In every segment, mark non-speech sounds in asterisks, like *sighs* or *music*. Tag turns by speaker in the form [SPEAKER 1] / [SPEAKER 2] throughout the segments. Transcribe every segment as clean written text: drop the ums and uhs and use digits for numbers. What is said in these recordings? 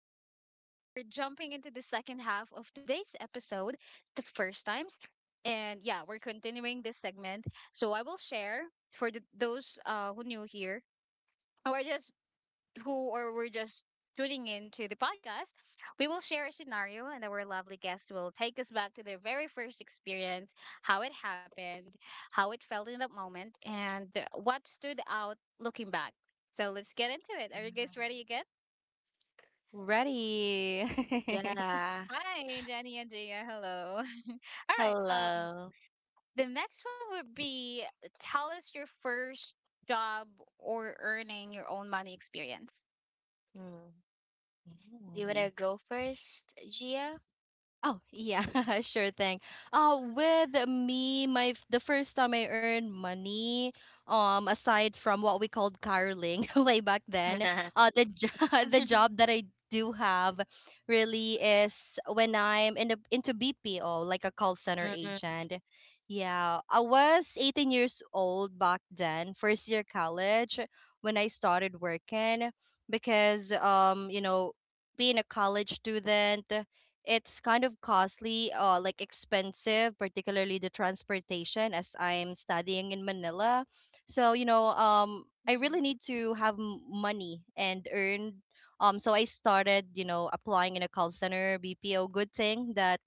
[SPEAKER 1] welcome back. And we're jumping into the second half of today's episode, the first times. And yeah, we're continuing this segment. So I will share for the, those who new here or just who or we're just tuning in to the podcast, we will share a scenario and our lovely guest will take us back to their very first experience, how it happened, how it felt in that moment, and what stood out looking back. So let's get into it. Are you guys ready again?
[SPEAKER 2] Ready. *laughs*
[SPEAKER 3] Yeah.
[SPEAKER 1] Hi, Jenny and Gia. Hello. *laughs* All right.
[SPEAKER 3] Hello.
[SPEAKER 1] The next one would be tell us your first job or earning your own money experience.
[SPEAKER 3] Mm. Do you want
[SPEAKER 2] Ooh.
[SPEAKER 3] to go first, Gia?
[SPEAKER 2] Oh yeah, *laughs* sure thing. With me, my f- the first time I earned money, aside from what we called caroling *laughs* way back then,
[SPEAKER 3] *laughs*
[SPEAKER 2] uh, the jo- *laughs* the job that
[SPEAKER 1] *laughs*
[SPEAKER 2] I do have really is when I'm in the into BPO, like a call center
[SPEAKER 3] Mm, mm,
[SPEAKER 2] agent. Yeah, I was 18 years old back then, first year college when I started working because you know, being a college student it's kind of costly like expensive, particularly the transportation, as I'm studying in Manila. So you know, I
[SPEAKER 1] Hmm,
[SPEAKER 2] really need to money and earn. So I started, you know, applying in a call center BPO. Good thing that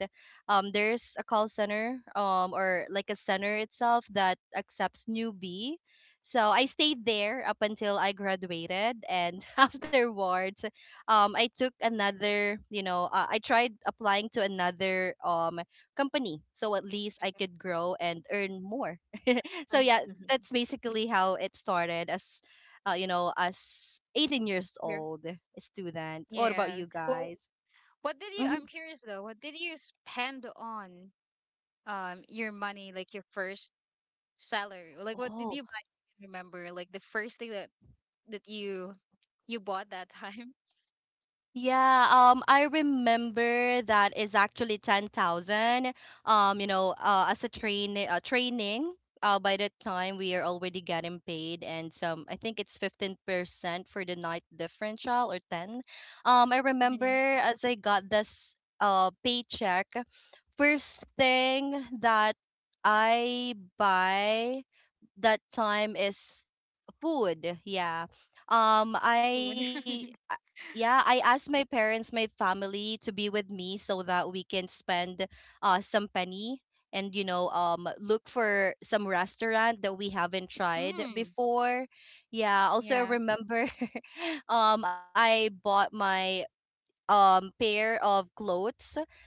[SPEAKER 2] there's a call center or like a center itself that accepts newbie, so I stayed there up until I graduated and *laughs* afterwards I took another, I tried applying to another company so at least I could grow and earn more. *laughs* So
[SPEAKER 3] mm,
[SPEAKER 2] yeah, that's
[SPEAKER 3] mm,
[SPEAKER 2] basically how it started as as 18 years
[SPEAKER 1] your-
[SPEAKER 2] old student. What
[SPEAKER 3] mm,
[SPEAKER 2] about you
[SPEAKER 1] yeah. Well,
[SPEAKER 2] guys?
[SPEAKER 1] what did you? I'm curious though. What did you spend on your money, like your first salary? Like, what did you
[SPEAKER 2] Mhm.
[SPEAKER 1] buy? Remember, like the first thing that you bought that time. *laughs*
[SPEAKER 2] Yeah, I remember that is actually 10,000. As a training, by the time we are already getting paid, and some I think it's 15% for the night differential or 10. I
[SPEAKER 1] Mhm.
[SPEAKER 2] remember as I got this paycheck, first thing that I buy that time is food. Yeah. Um
[SPEAKER 1] Food.
[SPEAKER 2] I I-
[SPEAKER 1] *laughs*
[SPEAKER 2] yeah, I asked my parents, my family to be with me so that we can spend some penny and look for some restaurant that we haven't tried
[SPEAKER 1] Mm.
[SPEAKER 2] before. Yeah, also I
[SPEAKER 1] Yeah.
[SPEAKER 2] remember *laughs* I bought my pair of clothes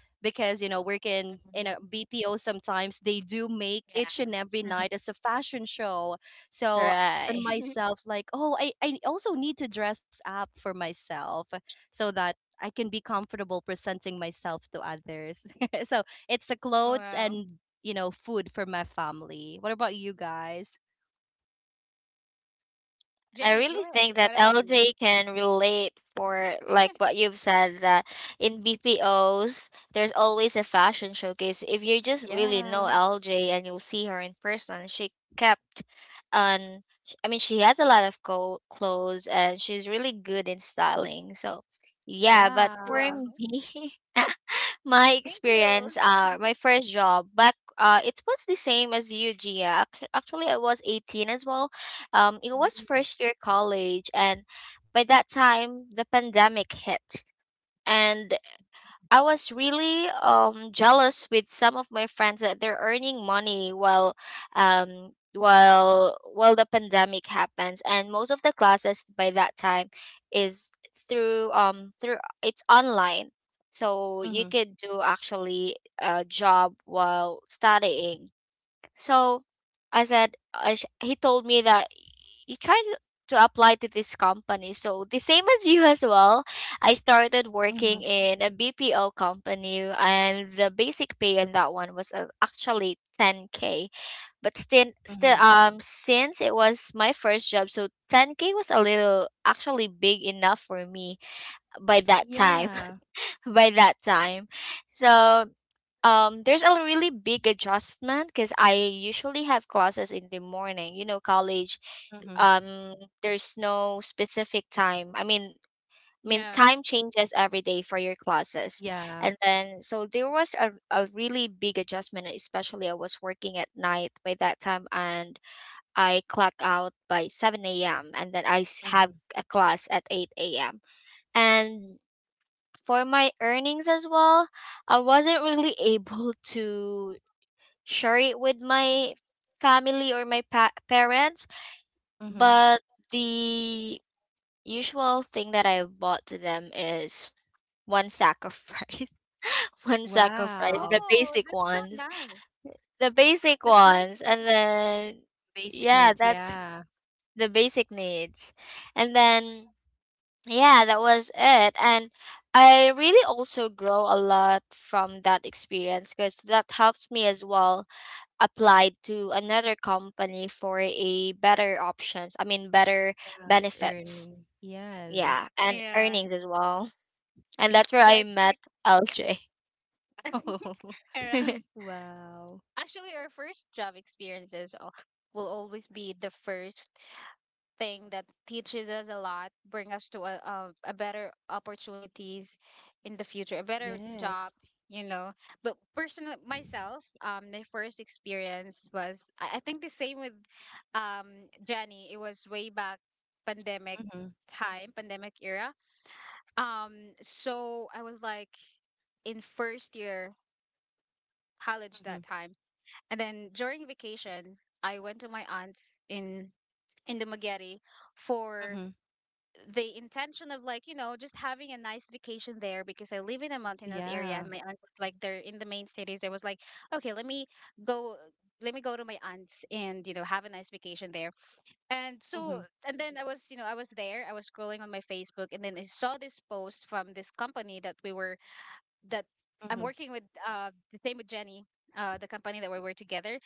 [SPEAKER 2] because you know working in a
[SPEAKER 3] mm,
[SPEAKER 2] BPO sometimes they do make each
[SPEAKER 3] yeah.
[SPEAKER 2] and every
[SPEAKER 3] *laughs*
[SPEAKER 2] night as a fashion show. So on
[SPEAKER 3] Right.
[SPEAKER 1] *laughs*
[SPEAKER 2] myself like oh I also need to dress up for myself so that I can be comfortable presenting myself to others. *laughs* So it's the clothes
[SPEAKER 1] Wow.
[SPEAKER 2] and you know food for my family. What about you guys?
[SPEAKER 3] I
[SPEAKER 1] Jenny,
[SPEAKER 3] really
[SPEAKER 1] go ahead.
[SPEAKER 3] think that
[SPEAKER 1] What about you?
[SPEAKER 3] LJ can relate for like what you've said that in BPOs there's always a fashion showcase. If you just really know
[SPEAKER 2] Yeah.
[SPEAKER 3] LJ and you'll see her in person, she kept on I mean she has a lot of clothes, and she's really good in styling. So yeah, but for
[SPEAKER 2] Wow.
[SPEAKER 1] Wow.
[SPEAKER 3] me. *laughs* My
[SPEAKER 1] Thank you.
[SPEAKER 3] experience, my first job back, it was the same as you, Gia. Actually, I was 18 as well. It was
[SPEAKER 2] Mm-hmm.
[SPEAKER 3] first year college, and by that time, the pandemic hit. And I was really jealous with some of my friends that they're earning money while the pandemic happens, and most of the classes by that time is through it's online. So you could do actually a job while studying. So I said, he told me that you try to apply to this company. So the same as you as well, I started
[SPEAKER 2] Mm-hmm.
[SPEAKER 3] working in a BPO company, and the basic pay in that one was actually 10K. But still,
[SPEAKER 2] Mm-hmm.
[SPEAKER 3] still, um, since it was my first job, so 10K was a little actually big enough for me by
[SPEAKER 2] Yeah.
[SPEAKER 3] that time. *laughs* by that time, so there's a really big adjustment because I usually have classes in the morning, you know, college, um there's no specific time. I mean
[SPEAKER 1] Yeah.
[SPEAKER 3] time changes every day for your classes.
[SPEAKER 2] Yeah.
[SPEAKER 3] And then so there was a, really big adjustment, especially I was working at night by that time, and I clock out by 7 a.m and then have
[SPEAKER 2] Mhm,
[SPEAKER 3] a class at 8 a.m. And for my earnings as well, I wasn't really *laughs* able to share it with my family or my parents.
[SPEAKER 2] mhm.
[SPEAKER 3] But the usual thing that I bought to them is one sack of rice, *laughs* one sack of
[SPEAKER 2] Wow.
[SPEAKER 3] rice,
[SPEAKER 1] Oh, that's so nice.
[SPEAKER 3] the basic
[SPEAKER 1] That's nice
[SPEAKER 3] ones,
[SPEAKER 1] of you.
[SPEAKER 3] and then
[SPEAKER 2] Basic
[SPEAKER 3] yeah,
[SPEAKER 2] needs,
[SPEAKER 3] that's
[SPEAKER 2] yeah.
[SPEAKER 3] the basic needs, and then yeah, that was it, and. I really also grow a lot from that experience because that helps me as well applied to another company for a better options. I mean, better
[SPEAKER 2] Yeah,
[SPEAKER 3] benefits,
[SPEAKER 2] earn. Yes.
[SPEAKER 3] yeah, and
[SPEAKER 1] Yeah.
[SPEAKER 3] earnings as well. And that's where
[SPEAKER 1] Yeah,
[SPEAKER 3] I
[SPEAKER 1] it's
[SPEAKER 3] met
[SPEAKER 1] like
[SPEAKER 3] LJ.
[SPEAKER 2] *laughs* Oh.
[SPEAKER 1] *laughs* all right.
[SPEAKER 3] *laughs*
[SPEAKER 2] Wow.
[SPEAKER 1] Actually, our first job experiences will always be the first thing that teaches us a lot, bring us to a better opportunities in the future, a better
[SPEAKER 2] Yes.
[SPEAKER 1] job, you know. But personal myself, my first experience was I think the same with um Jenny. It was way back pandemic
[SPEAKER 2] Mhm,
[SPEAKER 1] time, pandemic era. So I was like in first year college
[SPEAKER 2] mhm,
[SPEAKER 1] that time, and then during vacation, I went to my aunt's in the Magere for
[SPEAKER 2] mhm.
[SPEAKER 1] the intention of, like, you know, just having a nice vacation there because I live in a mountainous area
[SPEAKER 2] Yeah.
[SPEAKER 1] and my aunt, like, they're in the main cities. I was like, okay, go, let me go to my aunt's and, you know, have a nice vacation there. And so
[SPEAKER 2] Mhm,
[SPEAKER 1] and then I was, you know, I was there. I was scrolling on my Facebook and then I saw this post from this company that we were that
[SPEAKER 2] mhm.
[SPEAKER 1] I'm working with, uh, the same with Jenny. The company that we were together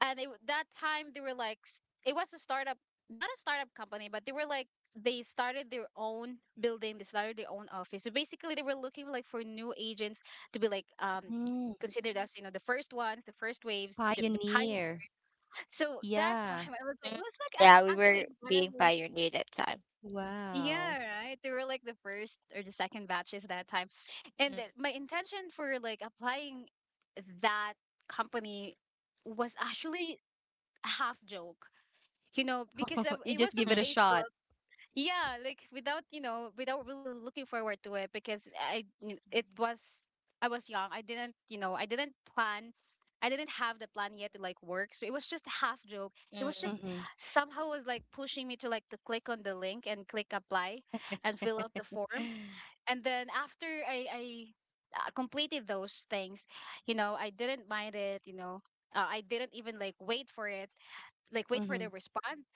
[SPEAKER 1] and that time they were like it was a startup, not a startup company, but they were like they started their own building, they started their own office, so basically they were looking like for new agents to be like
[SPEAKER 2] Mm.
[SPEAKER 1] considered as, you know, the first ones, the first waves, the pioneers
[SPEAKER 2] Pioneer.
[SPEAKER 1] so that *laughs* time
[SPEAKER 2] Yeah.
[SPEAKER 1] I was like
[SPEAKER 3] Mm,
[SPEAKER 1] it was like
[SPEAKER 3] yeah, we
[SPEAKER 1] actually
[SPEAKER 3] were being
[SPEAKER 1] entirely
[SPEAKER 3] pioneered that time.
[SPEAKER 2] Wow.
[SPEAKER 1] yeah right they were like the first or the second batches that time and my intention for like applying that company was actually a half joke, you know, because
[SPEAKER 2] *laughs* You
[SPEAKER 1] it
[SPEAKER 2] just
[SPEAKER 1] was on
[SPEAKER 2] give it a
[SPEAKER 3] Mm,
[SPEAKER 2] shot.
[SPEAKER 1] Facebook. Yeah, like without, you know, without really looking forward to it because it was I was young, I didn't, you know, I didn't plan, I didn't have the plan yet to like work, so it was just a half joke, it was
[SPEAKER 3] mm,
[SPEAKER 1] just
[SPEAKER 2] Mhm.
[SPEAKER 1] somehow was like pushing me to click on the link and click apply and fill out the form and then after completed those things, you know, I didn't mind it, you know, I didn't even like wait for it, like wait for the
[SPEAKER 2] Mhm. *sighs*
[SPEAKER 1] response.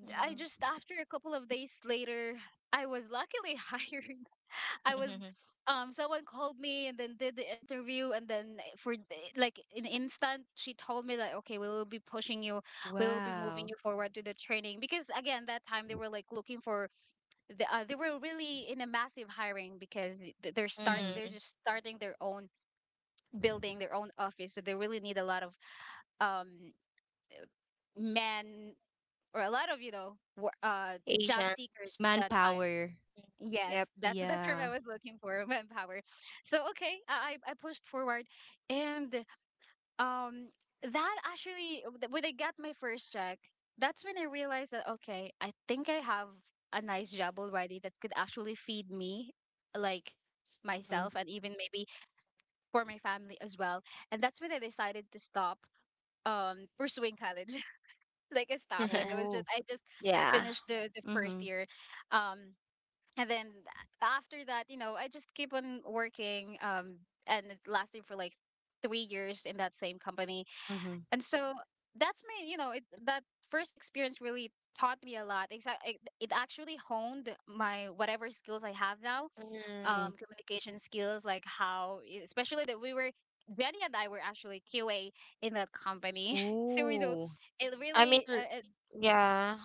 [SPEAKER 3] mm,
[SPEAKER 1] I
[SPEAKER 3] mm,
[SPEAKER 1] just after a couple of days later, I was luckily *laughs* hired. I was
[SPEAKER 3] *laughs*
[SPEAKER 1] someone called me and then did the interview and then for like in instant she told me that okay, we will be pushing you, we will be moving
[SPEAKER 2] Wow.
[SPEAKER 1] you forward to the training because again that time they were like looking for they were really in a massive hiring because
[SPEAKER 2] Mhm.
[SPEAKER 3] mm.
[SPEAKER 1] they're just starting their own building, their own office, so they really need a lot of um men or a lot of, you know, job
[SPEAKER 3] Asian.
[SPEAKER 1] seekers that time.
[SPEAKER 2] Manpower.
[SPEAKER 3] Mm, yep.
[SPEAKER 1] Yes, that's *laughs* the
[SPEAKER 2] Yeah.
[SPEAKER 1] term I was looking for, manpower. So okay I pushed forward and um that actually when I got my first check, that's when I realized that okay, I think I have a nice job already that could actually feed me, like
[SPEAKER 2] Mhm.
[SPEAKER 1] myself and even maybe for my family as well, and that's when I decided to stop pursuing college. Like I stopped. Like I
[SPEAKER 3] *laughs*
[SPEAKER 1] was
[SPEAKER 2] Oh.
[SPEAKER 1] just I just
[SPEAKER 3] Yeah.
[SPEAKER 1] finished the first
[SPEAKER 2] Mhm,
[SPEAKER 1] year, um, and then after that, you know, I just keep on working, and it lasted for like 3 years in that same company.
[SPEAKER 2] mhm,
[SPEAKER 1] And so that's me. You know, that first experience really taught me a lot. Exactly, it actually honed my whatever skills I have now,
[SPEAKER 2] mhm.
[SPEAKER 3] Mm.
[SPEAKER 1] communication skills, like how, especially that we were. Jenny and I were actually QA in that company, *laughs* so we know
[SPEAKER 2] Oh,
[SPEAKER 1] it
[SPEAKER 3] I mean,
[SPEAKER 1] really
[SPEAKER 3] yeah.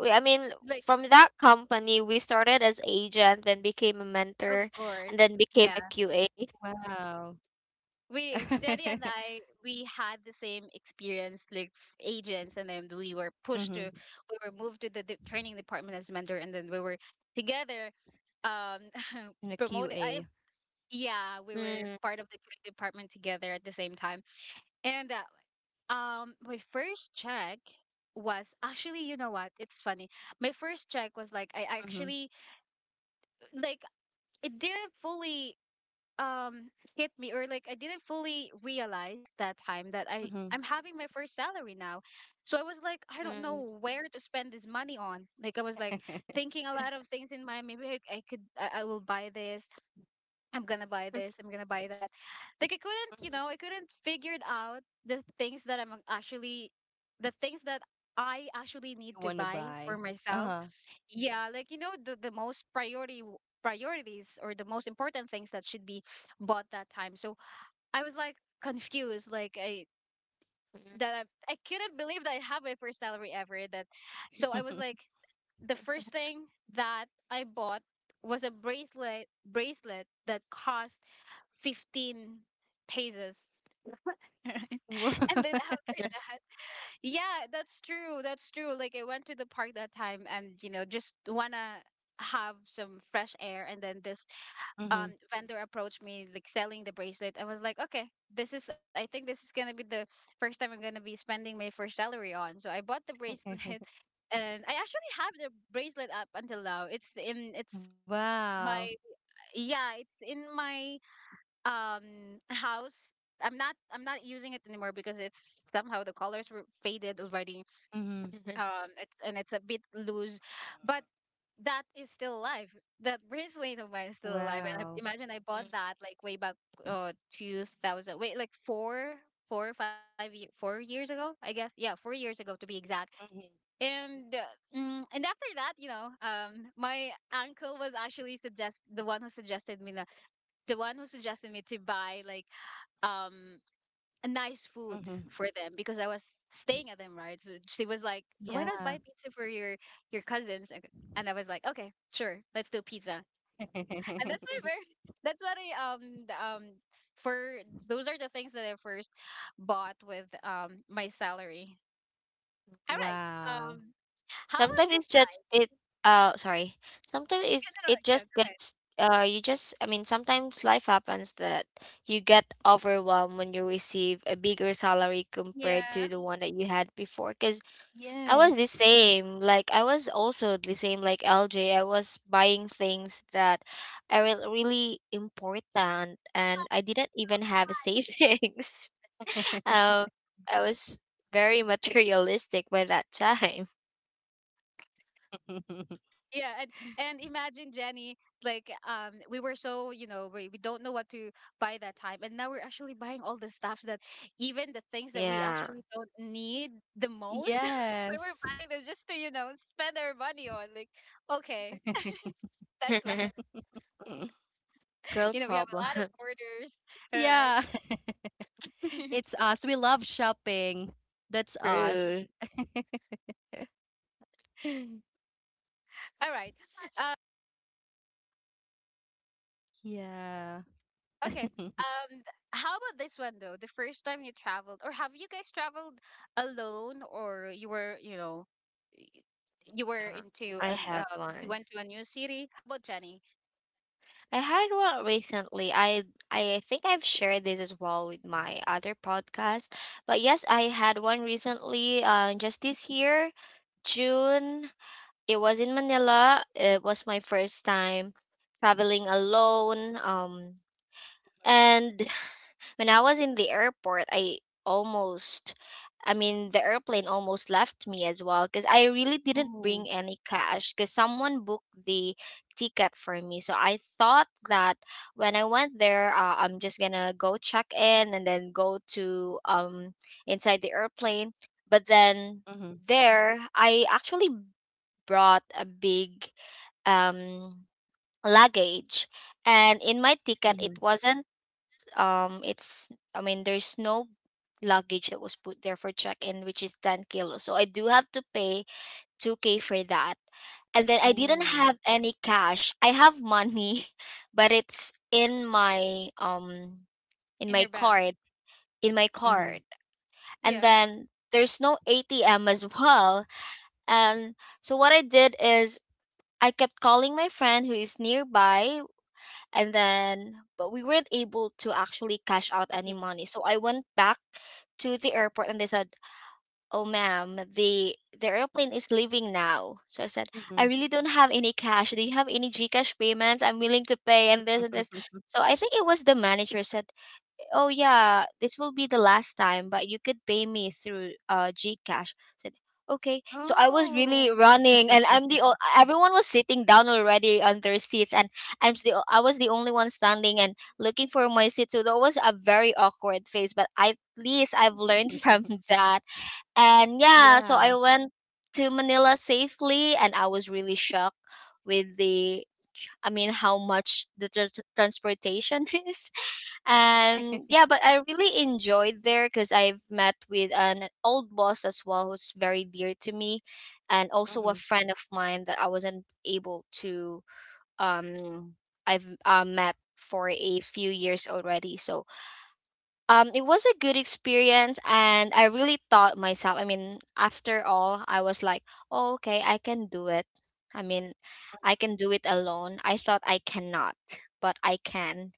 [SPEAKER 3] I mean,
[SPEAKER 1] like
[SPEAKER 3] from that company, we started as agent, then became a
[SPEAKER 1] Of
[SPEAKER 3] mentor, and
[SPEAKER 1] course.
[SPEAKER 3] then became
[SPEAKER 1] Yeah.
[SPEAKER 3] a QA.
[SPEAKER 2] wow. *laughs*
[SPEAKER 1] We Daddy and I we had the same experience like agents and then
[SPEAKER 2] Mhm.
[SPEAKER 1] we were moved to the training department as mentor and then we were together um
[SPEAKER 2] In a
[SPEAKER 1] *laughs*
[SPEAKER 2] QA.
[SPEAKER 1] promoted I yeah, we were
[SPEAKER 3] Mm,
[SPEAKER 1] part of the training department together at the same time. And my first check was actually, you know what, it's funny, my first check was like I
[SPEAKER 2] Mhm.
[SPEAKER 1] actually like it didn't fully um hit me, or like I didn't fully realize that time that
[SPEAKER 2] Mhm.
[SPEAKER 1] I'm having my first salary now. So I was like I don't
[SPEAKER 3] mm.
[SPEAKER 1] know where to spend this money on. Like I was like thinking a lot of things in mind. Maybe I will buy this, I'm gonna buy this, I'm gonna buy that. Like I couldn't,
[SPEAKER 2] Mhm.
[SPEAKER 1] you know, I couldn't figure it out the things that I'm actually the things that I actually
[SPEAKER 2] You
[SPEAKER 1] need to
[SPEAKER 2] want to
[SPEAKER 1] buy
[SPEAKER 2] buy.
[SPEAKER 1] for myself.
[SPEAKER 2] Uh-huh.
[SPEAKER 1] Yeah, like, you know, the most priority w- priorities or the most important things that should be bought that time. So I was like confused, like that I couldn't believe that I have my first salary ever. That so I was
[SPEAKER 2] *laughs*
[SPEAKER 1] like the first thing that I bought was a bracelet that cost 15 paces. *laughs* Right?
[SPEAKER 2] Wo-
[SPEAKER 1] And then after that, yeah, that's true. That's true. Like I went to the park that time and, you know, just wanna have some fresh air, and then this
[SPEAKER 2] Mhm.
[SPEAKER 1] vendor approached me like selling the bracelet. I was like, okay, this is I think this is gonna be the first time I'm gonna be spending my first salary on. So I bought the bracelet *laughs*
[SPEAKER 2] *laughs*
[SPEAKER 1] and I actually have the bracelet up until now. It's
[SPEAKER 2] Wow.
[SPEAKER 1] my yeah, it's in my house. I'm not using it anymore because it's somehow the colors were faded already,
[SPEAKER 2] Mhm.
[SPEAKER 3] *laughs*
[SPEAKER 1] um, it, and it's a bit loose, but that is still alive, that bracelet of mine is still alive,
[SPEAKER 2] Wow.
[SPEAKER 1] and I, imagine I bought that like way back 2000 wait like four or 4 years ago I guess, yeah, 4 years ago to be exact.
[SPEAKER 2] Mhm.
[SPEAKER 1] And and after that, you know, my uncle was actually suggest the one who suggested me the one who suggested me to buy like um a nice food
[SPEAKER 2] Mhm.
[SPEAKER 1] for them because I was staying at them, right? So she was like, "Why not
[SPEAKER 2] Yeah.
[SPEAKER 1] buy pizza for your cousins?" And I was like, "Okay, sure, let's do pizza." *laughs*
[SPEAKER 2] *laughs*
[SPEAKER 1] And that's why we're *laughs* that's what I the, for those are the things that I first bought with my salary. All right.
[SPEAKER 2] Wow.
[SPEAKER 1] Um, how about
[SPEAKER 3] Sometimes
[SPEAKER 1] this?
[SPEAKER 3] it's just it, sorry. Sometimes
[SPEAKER 1] Yeah,
[SPEAKER 3] it's
[SPEAKER 1] no,
[SPEAKER 3] it
[SPEAKER 1] no,
[SPEAKER 3] just
[SPEAKER 1] no, *laughs*
[SPEAKER 3] gets, you just I mean, sometimes life happens that you get overwhelmed when you receive a bigger salary
[SPEAKER 1] yeah,
[SPEAKER 3] compared
[SPEAKER 1] go
[SPEAKER 3] to
[SPEAKER 1] ahead.
[SPEAKER 3] the one that you had before, cuz I was the
[SPEAKER 2] Yes.
[SPEAKER 3] same. Like I was also the same like LJ. I was buying things that are really important, and I didn't even have a savings. *laughs* um I was very materialistic *laughs* by that time.
[SPEAKER 2] *laughs*
[SPEAKER 1] Yeah, and imagine Jenny, like, we were so, you know, we don't know what to buy that time, and now we're actually buying all the stuffs that even the things that we
[SPEAKER 3] Yeah.
[SPEAKER 1] actually don't need the most, *laughs* we were
[SPEAKER 2] Yes.
[SPEAKER 1] buying them just to, you know, spend our money on. Like, okay, that's like
[SPEAKER 3] *laughs*
[SPEAKER 2] *laughs*
[SPEAKER 1] *laughs*
[SPEAKER 3] Girl
[SPEAKER 1] you know we have
[SPEAKER 3] problem.
[SPEAKER 1] a lot of
[SPEAKER 3] *laughs*
[SPEAKER 1] orders,
[SPEAKER 2] Yeah,
[SPEAKER 1] right?
[SPEAKER 2] *laughs* it's
[SPEAKER 1] *laughs*
[SPEAKER 2] us. We love shopping. That's us.
[SPEAKER 3] True.
[SPEAKER 2] *laughs*
[SPEAKER 1] All right, uh,
[SPEAKER 2] Yeah.
[SPEAKER 1] okay.
[SPEAKER 2] *laughs*
[SPEAKER 1] Um, th- how about this one though? The first time you traveled, or have you guys traveled alone, or you were, you know, y- you were
[SPEAKER 3] Yeah.
[SPEAKER 1] into
[SPEAKER 3] I
[SPEAKER 1] an
[SPEAKER 3] had
[SPEAKER 1] you
[SPEAKER 3] one.
[SPEAKER 1] went to a new city. How about Jenny
[SPEAKER 3] I had one recently. I think I've shared this as well with my other podcast. But yes, I had one recently, just this year, June. It was in Manila. It was my first time traveling alone. And When I was in the airport, almost, I mean, the airplane almost left me as well because I really didn't
[SPEAKER 2] Oh.
[SPEAKER 3] bring any cash because someone booked the ticket for me. So I thought that when I went there, I'm just gonna go check in and then go to inside the airplane. But
[SPEAKER 2] Mhm,
[SPEAKER 3] then there, I actually brought a big um luggage, and in my
[SPEAKER 2] mhm.
[SPEAKER 3] ticket it wasn't, it's I mean, there's no luggage that was put there for check-in, which is 10 kilos, so I do have to pay 2K for that. And then I didn't
[SPEAKER 2] Oh.
[SPEAKER 3] have any cash. I have money *laughs* but it's in my, in
[SPEAKER 1] in
[SPEAKER 3] my
[SPEAKER 1] your bank?
[SPEAKER 3] card, in my
[SPEAKER 2] Mhm,
[SPEAKER 3] card and
[SPEAKER 1] Yeah.
[SPEAKER 3] then there's no ATM as *laughs* well. And so what I did is I kept calling my friend who is nearby, and then but we weren't able to actually cash
[SPEAKER 2] mhm,
[SPEAKER 3] out any money. So I went back to the airport, and they said, "Oh ma'am, the airplane is leaving now." So I said,
[SPEAKER 2] mhm,
[SPEAKER 3] I really don't have any cash. Do you have any GCash payments? I'm willing to pay, and this
[SPEAKER 2] mhm.
[SPEAKER 3] and this. So I think it was the manager said, "Oh yeah, this will be the last time, but you could pay me through GCash." I said, okay. So I was really
[SPEAKER 1] Oh,
[SPEAKER 3] running, and everyone was sitting down already on their seats, and I was the only one standing and looking for my seat. So that was a very awkward phase, but at least I've
[SPEAKER 2] *laughs*
[SPEAKER 3] learned from *laughs* that. And
[SPEAKER 2] Yeah.
[SPEAKER 3] yeah, so I went to Manila safely, and I was really shocked with the, I mean, how much the transportation *laughs* is. And yeah, but I really enjoyed there because I've met with an old boss as well who's very dear to me, and also
[SPEAKER 2] Mhm,
[SPEAKER 3] a friend of mine that I wasn't able to, um I've met for a few years already. So it was a good experience, and I really taught myself. I mean, after all, I was like, oh, okay, I can do it. I mean, I can do it alone. I thought I cannot, but I can.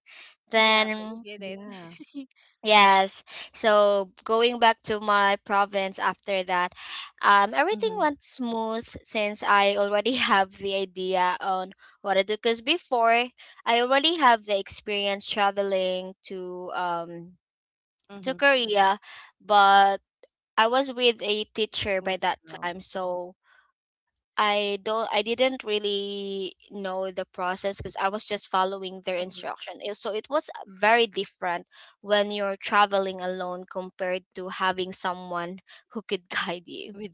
[SPEAKER 1] yeah, but you
[SPEAKER 3] Then
[SPEAKER 1] did it.
[SPEAKER 2] yeah,
[SPEAKER 1] *laughs*
[SPEAKER 3] yes. So going back to my province after that,
[SPEAKER 2] mhm,
[SPEAKER 3] everything went smooth since I already *laughs* have the idea on what to do, because before I already have the experience traveling to
[SPEAKER 2] mhm.
[SPEAKER 3] um to Korea, but I was with a
[SPEAKER 2] Wow.
[SPEAKER 3] teacher by that time, so I didn't really know the process, because I was just
[SPEAKER 2] Mhm.
[SPEAKER 3] following their instruction. So it was very different when you're traveling alone compared to having someone who could *laughs* guide
[SPEAKER 2] With
[SPEAKER 3] you.
[SPEAKER 2] you.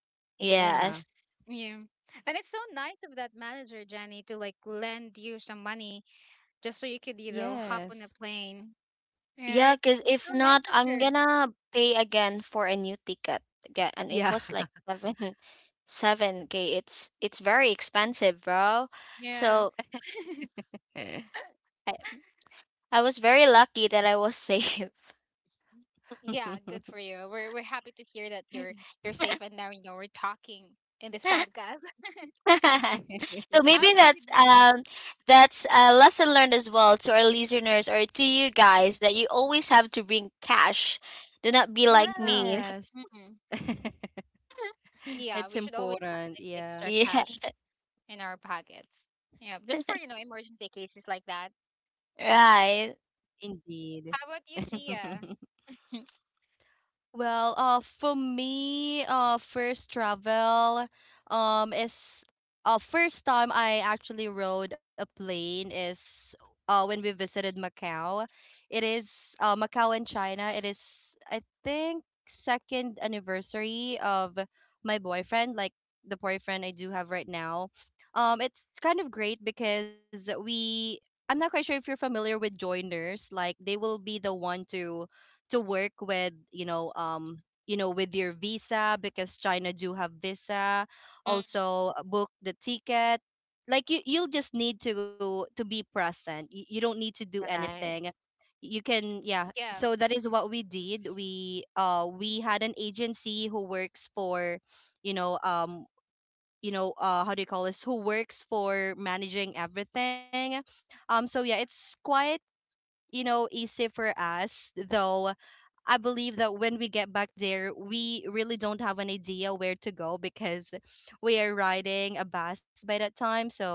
[SPEAKER 2] Yeah.
[SPEAKER 3] Yes.
[SPEAKER 1] Yeah. And it's so nice of that manager, Jenny, to like lend you some money just so you could, you know,
[SPEAKER 2] Yes.
[SPEAKER 1] hop on a plane.
[SPEAKER 3] Yeah,
[SPEAKER 1] Right?
[SPEAKER 3] because
[SPEAKER 1] It's
[SPEAKER 3] if
[SPEAKER 1] so nice
[SPEAKER 3] not,
[SPEAKER 1] of
[SPEAKER 3] I'm
[SPEAKER 1] her.
[SPEAKER 3] gonna pay again for a new ticket. Yeah,
[SPEAKER 2] Yeah.
[SPEAKER 3] and it was like seven *laughs* 7K. It's very expensive, bro.
[SPEAKER 1] Yeah.
[SPEAKER 3] So
[SPEAKER 1] *clears throat*
[SPEAKER 3] I. I was very lucky that I was safe.
[SPEAKER 1] Yeah, good
[SPEAKER 2] *laughs*
[SPEAKER 1] for you. We're happy to hear that you're safe and now you know we're talking in this
[SPEAKER 3] *laughs*
[SPEAKER 1] podcast.
[SPEAKER 3] So
[SPEAKER 1] *laughs* How
[SPEAKER 3] maybe
[SPEAKER 1] about you,
[SPEAKER 3] that's
[SPEAKER 1] Dia?
[SPEAKER 3] um that's a lesson learned as well to our listeners or to you guys that you always have to bring cash. Do not be like
[SPEAKER 1] Yeah.
[SPEAKER 3] me.
[SPEAKER 2] Yes.
[SPEAKER 1] Mhm.
[SPEAKER 2] *laughs*
[SPEAKER 1] Yeah,
[SPEAKER 2] It's
[SPEAKER 1] we should always have
[SPEAKER 2] important.
[SPEAKER 1] like
[SPEAKER 2] Yeah.
[SPEAKER 1] extra cash
[SPEAKER 3] *laughs*
[SPEAKER 1] in our pockets. Yeah, just for, emergency cases like that.
[SPEAKER 3] Yeah. Right.
[SPEAKER 2] Indeed.
[SPEAKER 1] How about you,
[SPEAKER 2] *laughs*
[SPEAKER 1] Gia? *laughs*
[SPEAKER 2] Well, for me, first travel, is first time I actually rode a plane is when we visited Macau. It is Macau in China. It is I think second anniversary of my boyfriend, like the boyfriend I do have right now. It's kind of great because we. I'm not quite sure if you're familiar with joiners. Like they will be the one to work with, with your visa, because China do have visa,
[SPEAKER 3] Mm,
[SPEAKER 2] also book the ticket. Like you, you'll just need to be present. You don't need to do
[SPEAKER 3] right.
[SPEAKER 2] anything, you can, yeah.
[SPEAKER 1] Yeah,
[SPEAKER 2] So that is what we did. We had an agency who works for you know, how do you call this, who works for managing everything. So yeah, it's quite you know easy for us, though I believe that when we get back there, we really don't have an idea where to go because we are riding a bus by that time. So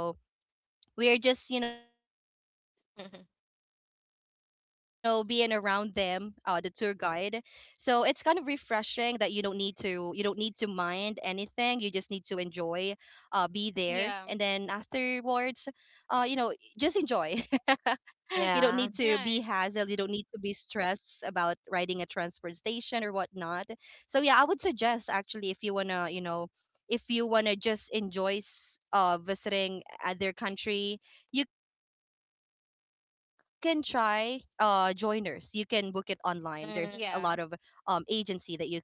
[SPEAKER 2] we are just you know being around them, the
[SPEAKER 3] *laughs*
[SPEAKER 2] tour guide. So it's kind of refreshing that you don't need to, you don't need to mind anything, you just need to enjoy, be there, and then afterwards
[SPEAKER 1] yeah,
[SPEAKER 2] you know just enjoy. *laughs* You don't need to be hassled, you
[SPEAKER 3] Yeah.
[SPEAKER 2] don't need to
[SPEAKER 1] right.
[SPEAKER 2] be stressed about riding a transport station or whatnot. So yeah, I would suggest actually, if you want to, you know, if you want to just enjoy visiting other country, you can try joiners. You can book it online, there's a lot of
[SPEAKER 3] Mm,
[SPEAKER 2] agency that
[SPEAKER 1] Yeah,
[SPEAKER 2] you can trust on right now.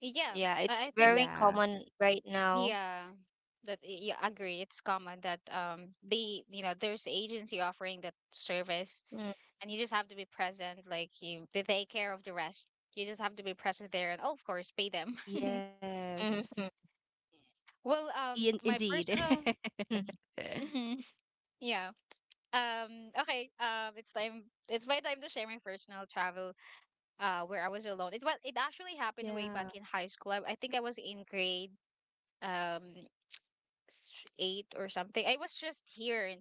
[SPEAKER 1] yeah.
[SPEAKER 3] yeah, it's
[SPEAKER 1] I
[SPEAKER 2] Yeah,
[SPEAKER 1] think
[SPEAKER 3] very
[SPEAKER 1] that,
[SPEAKER 3] common right now.
[SPEAKER 1] yeah, agree. It's common that, they, there's agency offering that service,
[SPEAKER 3] Mm,
[SPEAKER 1] and you just have to be present. Like,
[SPEAKER 2] yes.
[SPEAKER 1] you, they take care of the rest. You just have to be present there and, oh, of course, pay them. *laughs*
[SPEAKER 3] mm, mm,
[SPEAKER 2] Indeed. *laughs*
[SPEAKER 1] Well, my personal,
[SPEAKER 3] mm,
[SPEAKER 1] *laughs* yeah. Okay, it's time. It's my time to share my personal travel. Where I was alone. It was.
[SPEAKER 2] Yeah.
[SPEAKER 1] It actually happened way back in high school. I think I was in grade um eight or something. I was just here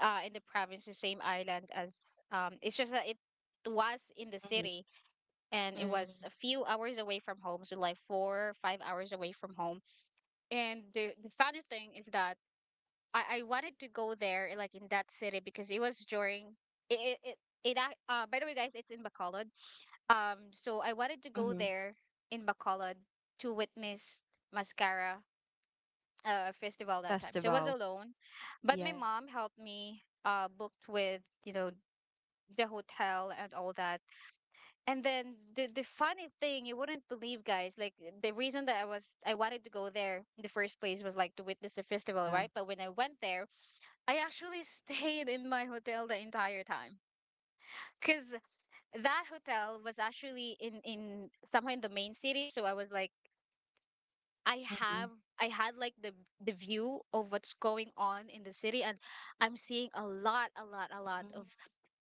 [SPEAKER 1] in the province, the same island as. It's just that it
[SPEAKER 2] Mm-hmm.
[SPEAKER 1] was in the city, and it was a few hours away from home, so like four five hours away from home. And the funny thing is that, I wanted to go there like in that city because it was during it it, it, by the way guys, it's in Bacolod. So I wanted
[SPEAKER 2] Mm-hmm.
[SPEAKER 1] to go there in Bacolod to witness mascara, festival that time, so I
[SPEAKER 2] Festival.
[SPEAKER 1] was alone, but my
[SPEAKER 2] Yeah.
[SPEAKER 1] mom helped me booked with, you know,
[SPEAKER 2] Mm-hmm.
[SPEAKER 1] the hotel and all that. And then the funny thing, you wouldn't believe guys, like the reason that I wanted to go there in the first place was like to witness the festival, right? But when I went there, I
[SPEAKER 2] Yeah.
[SPEAKER 1] actually *laughs* stayed in my hotel the entire time. Because
[SPEAKER 2] Why?
[SPEAKER 1] that hotel was actually in somehow in the main city, so I was like,
[SPEAKER 2] Mm-hmm.
[SPEAKER 1] I have I had like the view of what's going on in the city, and I'm seeing a lot, a lot, a lot of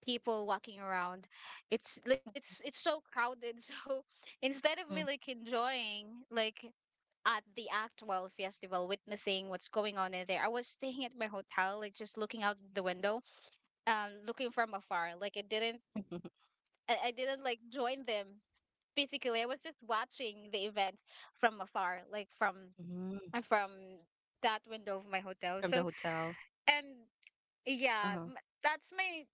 [SPEAKER 1] people walking around. It's so crowded. *laughs* So instead of
[SPEAKER 3] mm,
[SPEAKER 1] me like enjoying like at the actual festival, witnessing what's going on in there, I was staying at my hotel, like just looking out the window, looking from afar, like it didn't, I didn't like join them physically. I was just watching the events from afar, like from,
[SPEAKER 2] Mm-hmm.
[SPEAKER 1] uh, from that window of my
[SPEAKER 2] *laughs* From
[SPEAKER 1] hotel.
[SPEAKER 2] the
[SPEAKER 1] So
[SPEAKER 2] hotel.
[SPEAKER 1] and
[SPEAKER 2] Uh-huh.
[SPEAKER 1] yeah, that's my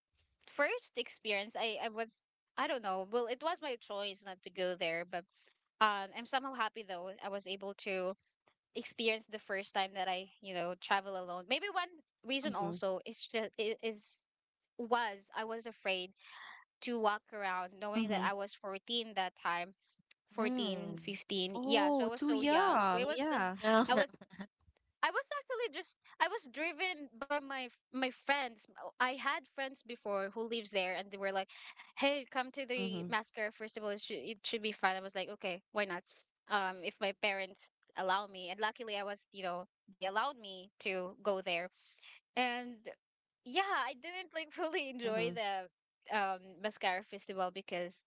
[SPEAKER 1] first experience. I was, I don't know, well, it was my choice not to go there. But I'm somehow happy though I was able to experience the first time that I, you know, travel alone. Maybe one
[SPEAKER 2] Mm-hmm.
[SPEAKER 1] reason also is is was I was afraid to walk around, knowing that I
[SPEAKER 2] Mm-hmm.
[SPEAKER 1] was 14 that time. 14
[SPEAKER 3] mm,
[SPEAKER 1] 15, yeah, so I
[SPEAKER 2] Oh,
[SPEAKER 1] was
[SPEAKER 2] too
[SPEAKER 1] so young. So it
[SPEAKER 2] young,
[SPEAKER 1] was the,
[SPEAKER 2] yeah.
[SPEAKER 1] I was, I was actually just, I was driven by my my friends. Oh, I had friends before who lives there, and they were like, hey, come to
[SPEAKER 2] Mm-hmm.
[SPEAKER 1] the mascara festival, it should be fun. I was like, okay, why not? If my parents allow me, and luckily I was, you know, they allowed me to go there. And
[SPEAKER 2] Mm-hmm.
[SPEAKER 1] yeah, I didn't like *laughs* fully enjoy the mascara festival because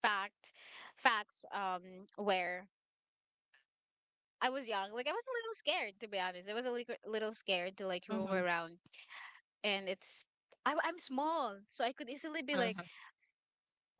[SPEAKER 1] fact facts, where I was young. Like I was a little scared, to be honest. I was a little scared to like roam around, and it's, I'm small, so I could easily be like,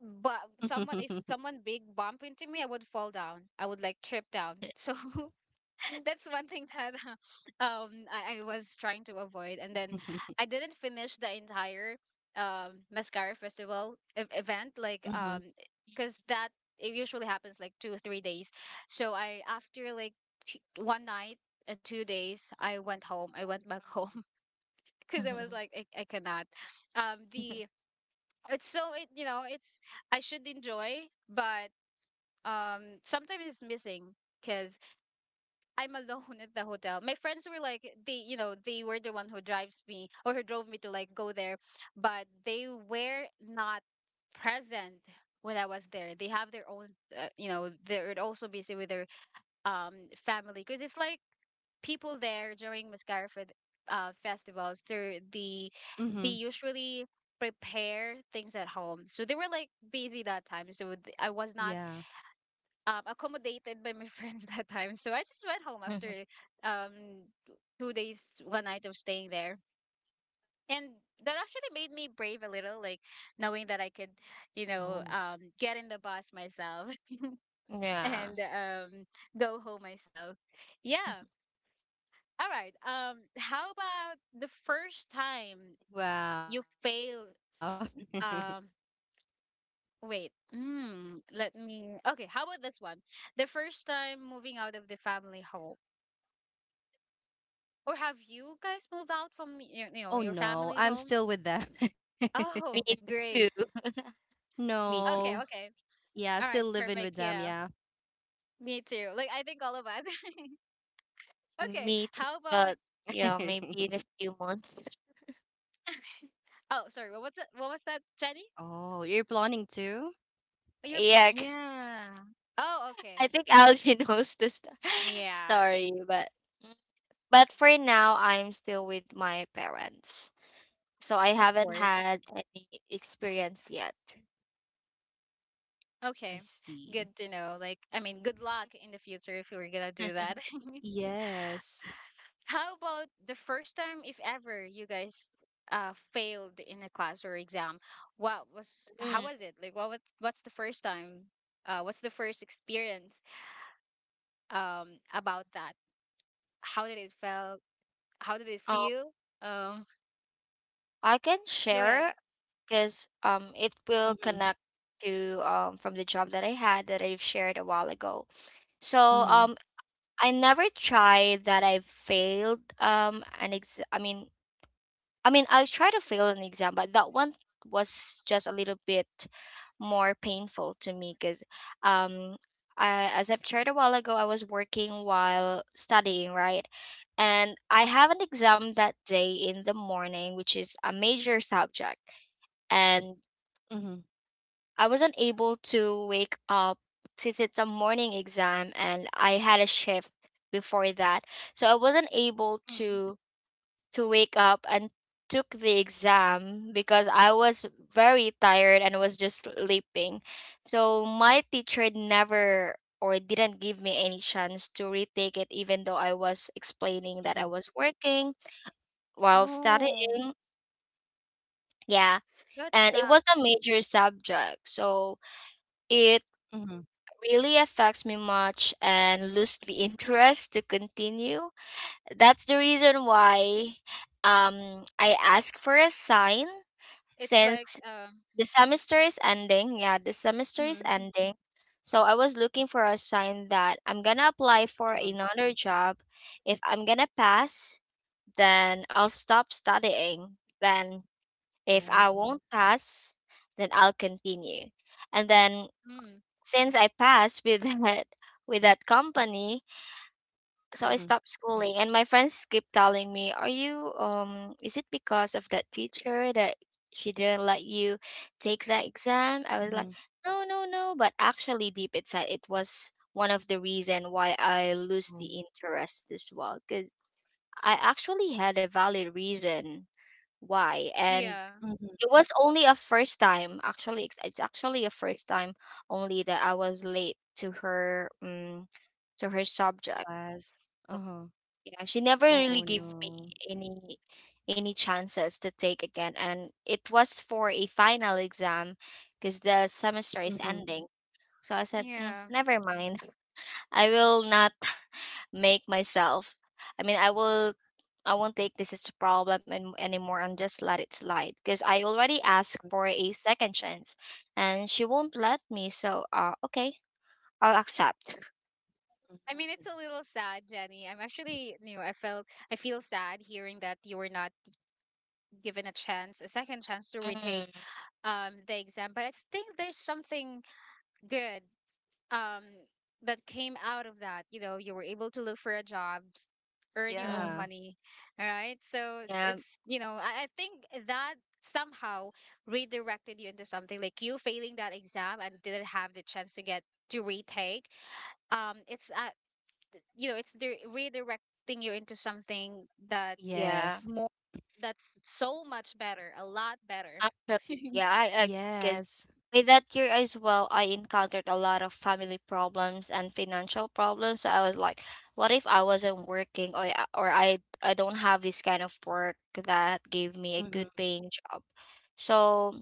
[SPEAKER 1] but someone, if someone big bump into me, I would fall down. I would like trip down. So *laughs* that's one thing that *laughs* I was trying to avoid. And then I
[SPEAKER 2] *laughs*
[SPEAKER 1] didn't finish the entire mascara festival event like
[SPEAKER 2] Mhm.
[SPEAKER 1] because that it usually happens like 2 or 3 days. So I after like one night and 2 days, I went home, I went back home.
[SPEAKER 2] Mhm.
[SPEAKER 1] *laughs* Because I
[SPEAKER 3] mm.
[SPEAKER 1] was like, I cannot, the it's so it, you know, it's I should enjoy, but sometimes it's missing because I'm
[SPEAKER 2] Mhm.
[SPEAKER 1] alone *laughs* at the hotel. My friends were like, they, you know, they were the one who drives me, or who drove me to like go there, but they were not present when I was there. They have their own, you know, they're also busy with their um family because it's like people there during Mascara festivals. They're
[SPEAKER 2] Mhm.
[SPEAKER 1] the, they usually prepare things at home, so they were like busy that time. So I
[SPEAKER 2] Yeah.
[SPEAKER 1] was not, accommodated by my *laughs* friend that time. So I just went home after,
[SPEAKER 3] *laughs*
[SPEAKER 1] um, t- 2 days, one night of staying there. And that actually made me
[SPEAKER 2] Oh.
[SPEAKER 1] brave a little, like knowing that I could, you know, get in the bus myself *laughs*
[SPEAKER 3] Yeah.
[SPEAKER 1] and, go home myself. Yeah.
[SPEAKER 3] *laughs*
[SPEAKER 1] All right. How about the
[SPEAKER 2] Wow.
[SPEAKER 1] first
[SPEAKER 2] *laughs*
[SPEAKER 1] time you fail? Um, wait. Mm, let me. Okay. How about this one? The first time moving out of the family home. Or have
[SPEAKER 2] Oh
[SPEAKER 1] you guys
[SPEAKER 2] no,
[SPEAKER 1] moved
[SPEAKER 2] I'm
[SPEAKER 1] out
[SPEAKER 2] still
[SPEAKER 1] from
[SPEAKER 2] with
[SPEAKER 1] your,
[SPEAKER 2] them.
[SPEAKER 1] you know, your family's
[SPEAKER 2] *laughs*
[SPEAKER 1] home?
[SPEAKER 3] Me
[SPEAKER 1] Oh, great.
[SPEAKER 3] too.
[SPEAKER 2] No. Yeah, still
[SPEAKER 3] Me too.
[SPEAKER 1] Okay,
[SPEAKER 2] living with
[SPEAKER 1] okay.
[SPEAKER 2] them, yeah.
[SPEAKER 1] All right, perfect. Yeah, me too. Like I think all of us. *laughs* Okay,
[SPEAKER 3] Me too.
[SPEAKER 1] how
[SPEAKER 2] *laughs*
[SPEAKER 1] about?
[SPEAKER 3] But yeah, maybe in a few months. *laughs*
[SPEAKER 1] *coughs* *laughs* Oh, sorry.
[SPEAKER 2] Oh,
[SPEAKER 1] What was
[SPEAKER 2] you're
[SPEAKER 1] that? What
[SPEAKER 2] planning
[SPEAKER 1] was that,
[SPEAKER 2] to?
[SPEAKER 1] Jenny?
[SPEAKER 3] Yeah,
[SPEAKER 1] Yeah. Oh,
[SPEAKER 3] I
[SPEAKER 1] okay.
[SPEAKER 3] think Algie *laughs* knows the *laughs*
[SPEAKER 1] Yeah,
[SPEAKER 3] story, but mm, for now, I'm still with my parents, so I
[SPEAKER 1] of
[SPEAKER 3] haven't
[SPEAKER 1] course.
[SPEAKER 3] had any
[SPEAKER 2] Mm,
[SPEAKER 3] experience yet.
[SPEAKER 1] Okay,
[SPEAKER 2] I
[SPEAKER 1] good
[SPEAKER 2] see.
[SPEAKER 1] to know. Like, I mean, good luck in the future if you were gonna do that. *laughs*
[SPEAKER 3] *laughs*
[SPEAKER 2] Yes.
[SPEAKER 1] How about the first time, if ever, you guys failed in a class or exam? What was how
[SPEAKER 3] Mm,
[SPEAKER 1] was it? Like what was what's the first time? What's the first experience about that? How did it felt? How did it
[SPEAKER 3] um,
[SPEAKER 1] feel? Um,
[SPEAKER 3] I can
[SPEAKER 1] *laughs* go ahead.
[SPEAKER 3] share because it will connect
[SPEAKER 2] Mhm.
[SPEAKER 3] to from the job that I had that I've shared a while ago. So
[SPEAKER 2] Mhm.
[SPEAKER 3] I never tried that I failed an ex I mean I mean I tried to fail an exam, but that one was just a little bit more painful to me because um I, as I've shared a while ago, I was working while studying, right, and I have an exam that day in the morning, which is a major subject, and
[SPEAKER 2] Mhm.
[SPEAKER 3] I wasn't able to wake up since it's a morning exam and I had a shift before that. So I wasn't able
[SPEAKER 1] Mm.
[SPEAKER 3] to wake up and took the exam because I was very tired and was just sleeping. So my teacher never or didn't give me any chance to retake it even though I was explaining that I
[SPEAKER 2] Mhm.
[SPEAKER 3] was working while
[SPEAKER 1] No,
[SPEAKER 3] studying. Yeah.
[SPEAKER 1] that
[SPEAKER 3] And it
[SPEAKER 1] sucks.
[SPEAKER 3] was a major subject. So it
[SPEAKER 2] Mhm.
[SPEAKER 3] really affects me much and lose the interest to continue. That's the reason why I ask for a sign
[SPEAKER 1] It's like
[SPEAKER 3] since the semester is ending. Yeah, the semester is
[SPEAKER 1] mm,
[SPEAKER 3] ending. So I was looking for a sign that I'm gonna apply for
[SPEAKER 2] Mhm.
[SPEAKER 3] another job. If I'm gonna pass, then I'll stop studying. Then if I
[SPEAKER 2] Oh.
[SPEAKER 3] won't pass, then I'll continue. And then
[SPEAKER 1] mm,
[SPEAKER 3] since I passed with *laughs* that with that company, so I
[SPEAKER 2] Mhm.
[SPEAKER 3] stopped schooling, and my friends keep telling me, "Are you, is it because of that teacher that she didn't let you take that exam?" I was like,
[SPEAKER 2] Mhm.
[SPEAKER 3] "No, no, no." But actually deep inside it was one of the reason why I lose
[SPEAKER 2] Oh.
[SPEAKER 3] the interest as well. Cause I actually had a valid reason why, and
[SPEAKER 1] yeah,
[SPEAKER 2] Mhm.
[SPEAKER 3] it was only a first time. Actually, it's actually a first time only that I was late to her, to her subject.
[SPEAKER 2] Less. Uh-huh.
[SPEAKER 3] Yeah, she never really
[SPEAKER 2] Oh
[SPEAKER 3] gave me
[SPEAKER 2] no.
[SPEAKER 3] any any chances to take again, and it was for a final exam because the semester is
[SPEAKER 2] Mhm.
[SPEAKER 3] ending. So I said,
[SPEAKER 1] yeah.
[SPEAKER 3] never mind. I will not make myself, I mean, I won't take this as a problem anymore, and just let it slide because I already asked for a second chance, and she won't let me. So, okay, I'll accept.
[SPEAKER 1] I mean, it's a little sad, Jenny. I'm actually, you know, I felt, I feel sad hearing that you were not given a chance, a second chance to retake,
[SPEAKER 3] Mm,
[SPEAKER 1] the exam. But I think there's something good, um, that came out of that. You know, you were able to look for a job, earn your
[SPEAKER 3] mm,
[SPEAKER 1] own
[SPEAKER 2] Yeah.
[SPEAKER 1] money, right? So
[SPEAKER 3] yeah,
[SPEAKER 1] it's, you know, I think that somehow redirected you into something, like you failing that exam and didn't have the chance to get to retake. It's, you know, it's the redirecting you into something that's
[SPEAKER 3] yeah,
[SPEAKER 2] Yes.
[SPEAKER 1] more, that's so much better, a lot better.
[SPEAKER 3] actually, yeah, I agree, 'cause
[SPEAKER 2] Yes.
[SPEAKER 3] with that year as well, I encountered a lot of family problems and financial problems. So I was like, what if I wasn't working, or or I don't have this kind of work that gave me a good
[SPEAKER 2] Mm-hmm.
[SPEAKER 3] paying job. So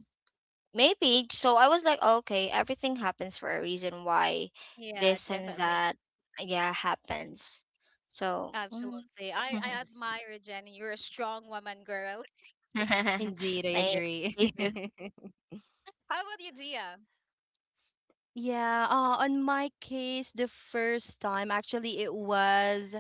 [SPEAKER 3] maybe, I was like, "Oh, okay, everything happens for a reason why
[SPEAKER 1] Yeah,
[SPEAKER 3] this and
[SPEAKER 1] definitely.
[SPEAKER 3] that yeah happens." So mm.
[SPEAKER 1] Absolutely. I
[SPEAKER 2] Yes.
[SPEAKER 1] admire you, Jenny. You're a strong woman, girl.
[SPEAKER 3] *laughs*
[SPEAKER 2] Indeed, I
[SPEAKER 3] Thank
[SPEAKER 2] agree.
[SPEAKER 3] you.
[SPEAKER 2] *laughs*
[SPEAKER 1] *laughs* How about you, Gia?
[SPEAKER 2] Yeah, on my case, the first time, actually, it was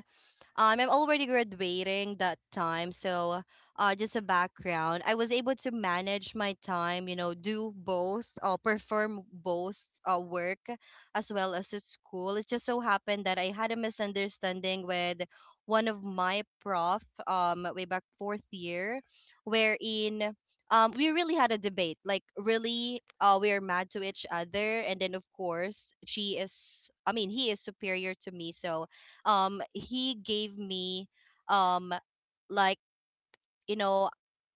[SPEAKER 2] I'm already graduating that time, so just a background. I was able to manage my time, you know, do both, perform both work as well as at school. It just so happened that I had a misunderstanding with one of my prof way back fourth year, wherein we really had a debate. Like, really, we are mad to each other. And then, of course, she is, I mean, he is superior to me. So he gave me um like you know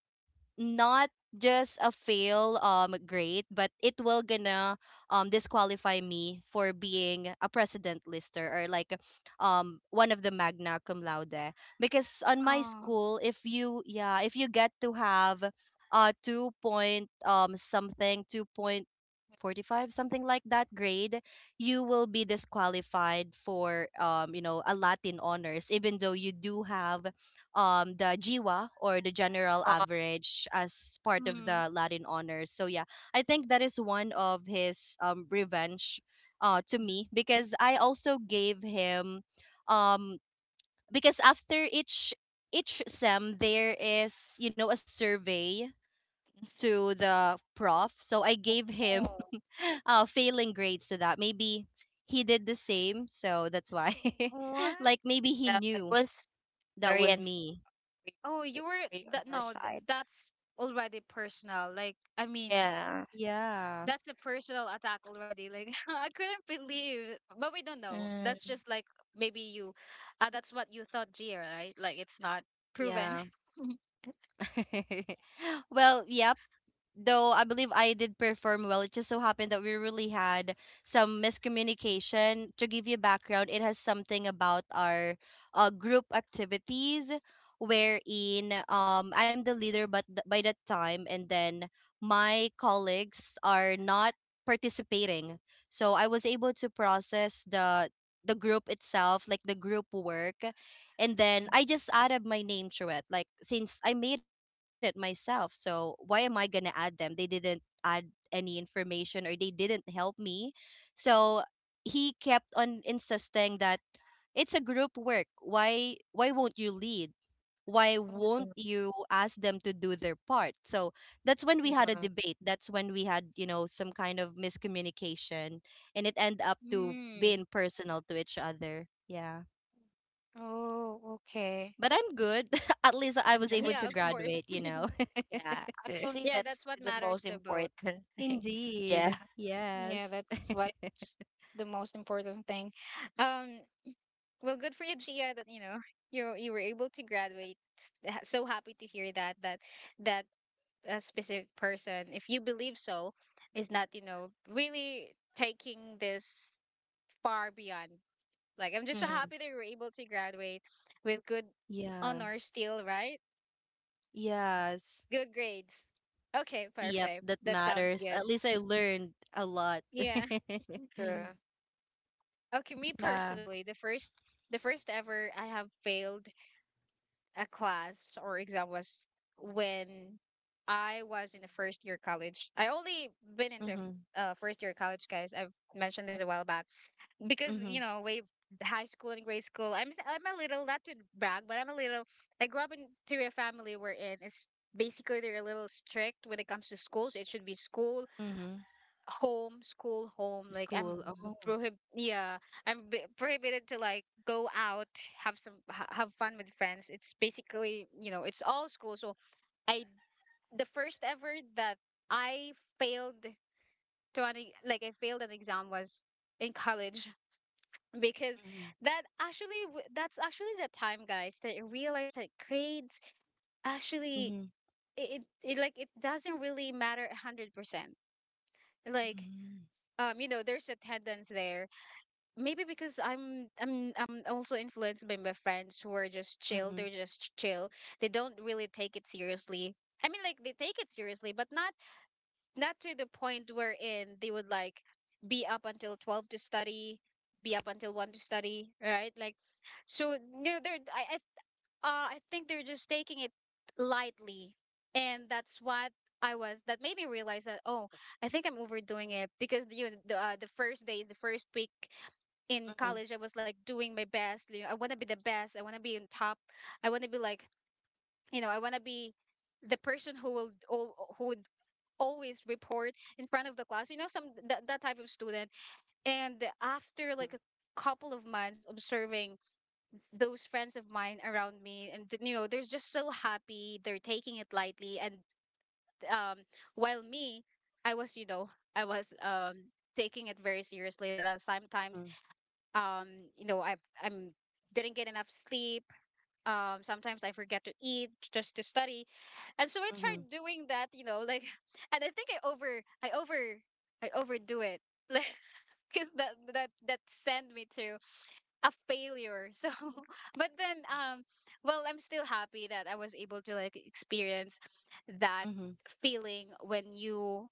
[SPEAKER 2] not just a fail grade, but it will gonna disqualify me for being a president lister, or like one of the magna cum laude, because on my
[SPEAKER 1] Oh,
[SPEAKER 2] school if you, yeah, if you get to have 2 point something, 2.45 something like that grade, you will be disqualified for you know a latin honors, even though you do have the GWA or the general
[SPEAKER 3] Uh,
[SPEAKER 2] average as part of
[SPEAKER 1] mm.
[SPEAKER 2] the Latin honors. So yeah, I think that is one of his revenge to me, because I also gave him um because after each sem there is, you know, a survey to the prof. So I gave him
[SPEAKER 1] Oh,
[SPEAKER 2] *laughs* failing grades to that. Maybe he did the same, so that's why *laughs*
[SPEAKER 1] what?
[SPEAKER 2] like maybe he
[SPEAKER 3] yeah, it
[SPEAKER 2] knew
[SPEAKER 3] was
[SPEAKER 2] that
[SPEAKER 3] very
[SPEAKER 2] was
[SPEAKER 3] unfair
[SPEAKER 2] me.
[SPEAKER 1] Oh, you were
[SPEAKER 3] on
[SPEAKER 1] that,
[SPEAKER 3] our
[SPEAKER 1] no, th
[SPEAKER 3] side.
[SPEAKER 1] that's already personal. Like, I mean,
[SPEAKER 3] Yeah.
[SPEAKER 2] Yeah.
[SPEAKER 1] that's a personal attack already. Like, *laughs* I couldn't believe, but we don't know. That's
[SPEAKER 3] Mm,
[SPEAKER 1] just like maybe you, that's what you thought, Gia, right? Like, it's not proven.
[SPEAKER 2] Yeah.
[SPEAKER 1] *laughs*
[SPEAKER 2] *laughs* Well, yep. Though I believe I did perform well. It just so happened that we really had some miscommunication. To give you background, it has something about our group activities wherein I'm the leader by that time, and then my colleagues are not participating. So I was able to process the group itself, like the group work, and then
[SPEAKER 3] mm,
[SPEAKER 2] I just added my name to it. Like since I made it myself, so why am I gonna add them? They didn't add any information, or they didn't help me. So he kept on insisting that it's a group work. Why won't you lead? Why
[SPEAKER 3] mm,
[SPEAKER 2] won't
[SPEAKER 3] mm,
[SPEAKER 2] you ask them to do their part? So that's when we had a
[SPEAKER 3] yeah.
[SPEAKER 2] debate. That's when we had, you know, some kind of miscommunication, and it ended up to
[SPEAKER 1] Hmm.
[SPEAKER 2] being personal to each other. Yeah.
[SPEAKER 1] Oh, okay.
[SPEAKER 2] But I'm good. *laughs* At least I was able
[SPEAKER 1] Yeah,
[SPEAKER 2] to
[SPEAKER 1] of
[SPEAKER 3] *laughs*
[SPEAKER 1] course.
[SPEAKER 2] graduate, you know.
[SPEAKER 3] Yeah.
[SPEAKER 2] *laughs*
[SPEAKER 3] Actually,
[SPEAKER 1] Yeah,
[SPEAKER 3] that's
[SPEAKER 1] that's what
[SPEAKER 3] the most
[SPEAKER 1] matters to both.
[SPEAKER 3] important *laughs* thing. Yeah.
[SPEAKER 2] Indeed.
[SPEAKER 1] Yeah,
[SPEAKER 2] Yes.
[SPEAKER 1] that's what's the most important thing. Um, well, good for you, Gia, that you know you you were able to graduate. So happy to hear that that a specific person, if you believe so, is not, you know, really taking this far beyond. Like I'm just so
[SPEAKER 3] Mm,
[SPEAKER 2] Mhm.
[SPEAKER 1] happy that you were able to graduate with good
[SPEAKER 2] Yeah.
[SPEAKER 1] honors still, right?
[SPEAKER 2] Yes.
[SPEAKER 1] Good grades. Okay,
[SPEAKER 2] Yep,
[SPEAKER 1] perfect.
[SPEAKER 2] that
[SPEAKER 1] That sounds
[SPEAKER 2] matters.
[SPEAKER 1] good.
[SPEAKER 2] At least I learned a lot.
[SPEAKER 1] Yeah.
[SPEAKER 2] *laughs*
[SPEAKER 3] true.
[SPEAKER 1] Okay, me
[SPEAKER 2] Yeah.
[SPEAKER 1] personally, the first, the first ever I have failed a class or exam was when I was in the first year college. I only been into
[SPEAKER 2] Mm-hmm.
[SPEAKER 1] first year college, guys. I've mentioned this a while back because
[SPEAKER 2] Mm-hmm.
[SPEAKER 1] you know way high school and grade school. I'm a little, not to brag, but I'm a little. I grew up into a family wherein it's basically they're a little strict when it comes to schools. It should be school
[SPEAKER 2] Mm-hmm.
[SPEAKER 1] home, school, home. Like I'm
[SPEAKER 2] School. Oh.
[SPEAKER 1] prohib yeah, I'm b prohibited to like go out, have some ha have fun with friends. It's basically, you know, it's all school. So I the first ever that I failed to an like I failed an exam was in college because
[SPEAKER 2] Mm-hmm.
[SPEAKER 1] that actually that's actually the time, guys, that I realized that grades actually
[SPEAKER 2] Mm-hmm.
[SPEAKER 1] it, it, it like it doesn't really matter 100%. Like you know, there's attendance there, maybe because I'm also influenced by my friends who are just chill. They're
[SPEAKER 2] Mm-hmm.
[SPEAKER 1] just chill. They don't really take it seriously. I mean, like they take it seriously, but not not to the point wherein they would like be up until 12 to study, be up until one to study, right? Like so, no, they're I think they're just taking it lightly, and that's what I was. That made me realize that, oh, I think I'm overdoing it, because you know, the first days, the first week in
[SPEAKER 2] Mm-hmm.
[SPEAKER 1] college, I was like doing my best, you know, I want to be the best, I want to be on top, I want to be like, you know, I want to be the person who who would always report in front of the class, you know, some that, that type of student. And after like a couple of months observing those friends of mine around me and you know, they're just so happy, they're taking it lightly, and um, while me, I was, you know, I was um, taking it very seriously, that I was sometimes
[SPEAKER 2] Mm-hmm.
[SPEAKER 1] um, you know, I'm didn't get enough sleep, um, sometimes I forget to eat just to study. And so I
[SPEAKER 2] Mm-hmm.
[SPEAKER 1] tried doing that, you know, like *laughs* and I think I overdo it, *laughs* like, because that sent me to a failure, so *laughs* but then um, well, I'm still happy that I was able to like experience that
[SPEAKER 2] Mm-hmm.
[SPEAKER 1] feeling when you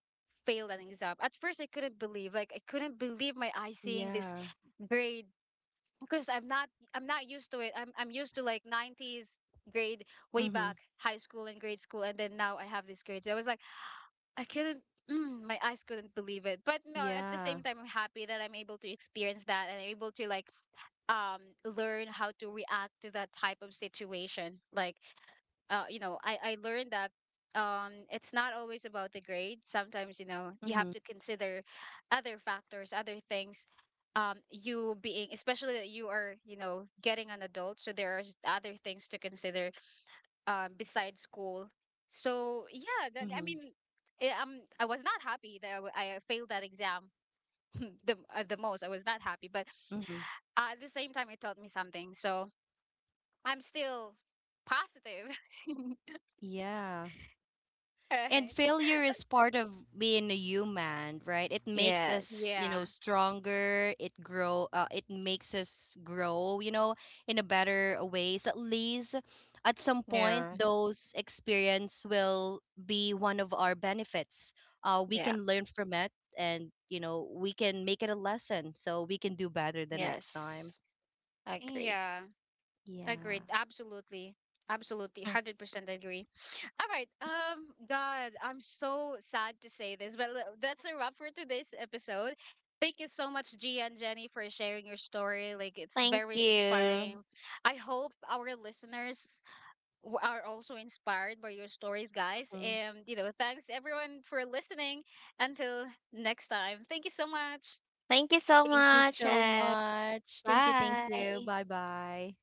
[SPEAKER 1] failed an exam. At first I couldn't believe, like I couldn't believe my eyes, seeing this
[SPEAKER 2] Yeah.
[SPEAKER 1] grade, because I'm not, I'm not used to it. I'm used to like 90s grade way back
[SPEAKER 2] Mm-hmm.
[SPEAKER 1] high school and grade school, and then now I have this grade. So I was like, I couldn't mm, my eyes couldn't believe it. But no, at the same
[SPEAKER 2] Yeah.
[SPEAKER 1] time, I'm happy that I'm able to experience that and able to like learn how to react to that type of situation. Like you know, I learned that it's not always about the grade. Sometimes, you know, you
[SPEAKER 2] Mm-hmm.
[SPEAKER 1] have to consider other factors, other things. You being, especially that you are, you know, getting an adult, so there are other things to consider, besides school. So yeah, that, I
[SPEAKER 2] Mm-hmm.
[SPEAKER 1] mean, eh, I was not happy that I failed that exam, *laughs* the most. I was not happy, but
[SPEAKER 2] Hmm.
[SPEAKER 1] at the same time, it taught me something. So I'm still positive,
[SPEAKER 2] Yeah.
[SPEAKER 1] *laughs*
[SPEAKER 2] And
[SPEAKER 1] right?
[SPEAKER 2] failure is part of being a human, right? It makes us,
[SPEAKER 3] Yes.
[SPEAKER 2] you know,
[SPEAKER 1] Yeah.
[SPEAKER 2] stronger. It makes us grow, you know, in a better ways. At least at some point
[SPEAKER 3] Yeah.
[SPEAKER 2] those experience will be one of our benefits. Uh, we
[SPEAKER 3] Yeah.
[SPEAKER 2] can learn from it and, you know, we can make it a lesson so we can do better the next time.
[SPEAKER 3] Yes. I agree.
[SPEAKER 1] Yeah, agreed.
[SPEAKER 2] Yeah.
[SPEAKER 1] Absolutely. Absolutely.
[SPEAKER 3] Mm.
[SPEAKER 1] 100% agree. All right. God, I'm so sad to say this, but that's a wrap for today's episode. Thank you so much, Gia and Jenny, for sharing your story. Like, it's
[SPEAKER 3] Thank
[SPEAKER 1] very
[SPEAKER 3] you.
[SPEAKER 1] inspiring. I hope our listeners are also inspired by your stories, guys.
[SPEAKER 2] Mhm.
[SPEAKER 1] And, you know, thanks everyone for listening. Until next time, thank you so much.
[SPEAKER 3] Thank you so
[SPEAKER 2] Thank you
[SPEAKER 3] much.
[SPEAKER 2] so
[SPEAKER 3] And
[SPEAKER 2] much. Thank you.
[SPEAKER 3] bye.
[SPEAKER 2] Bye-bye.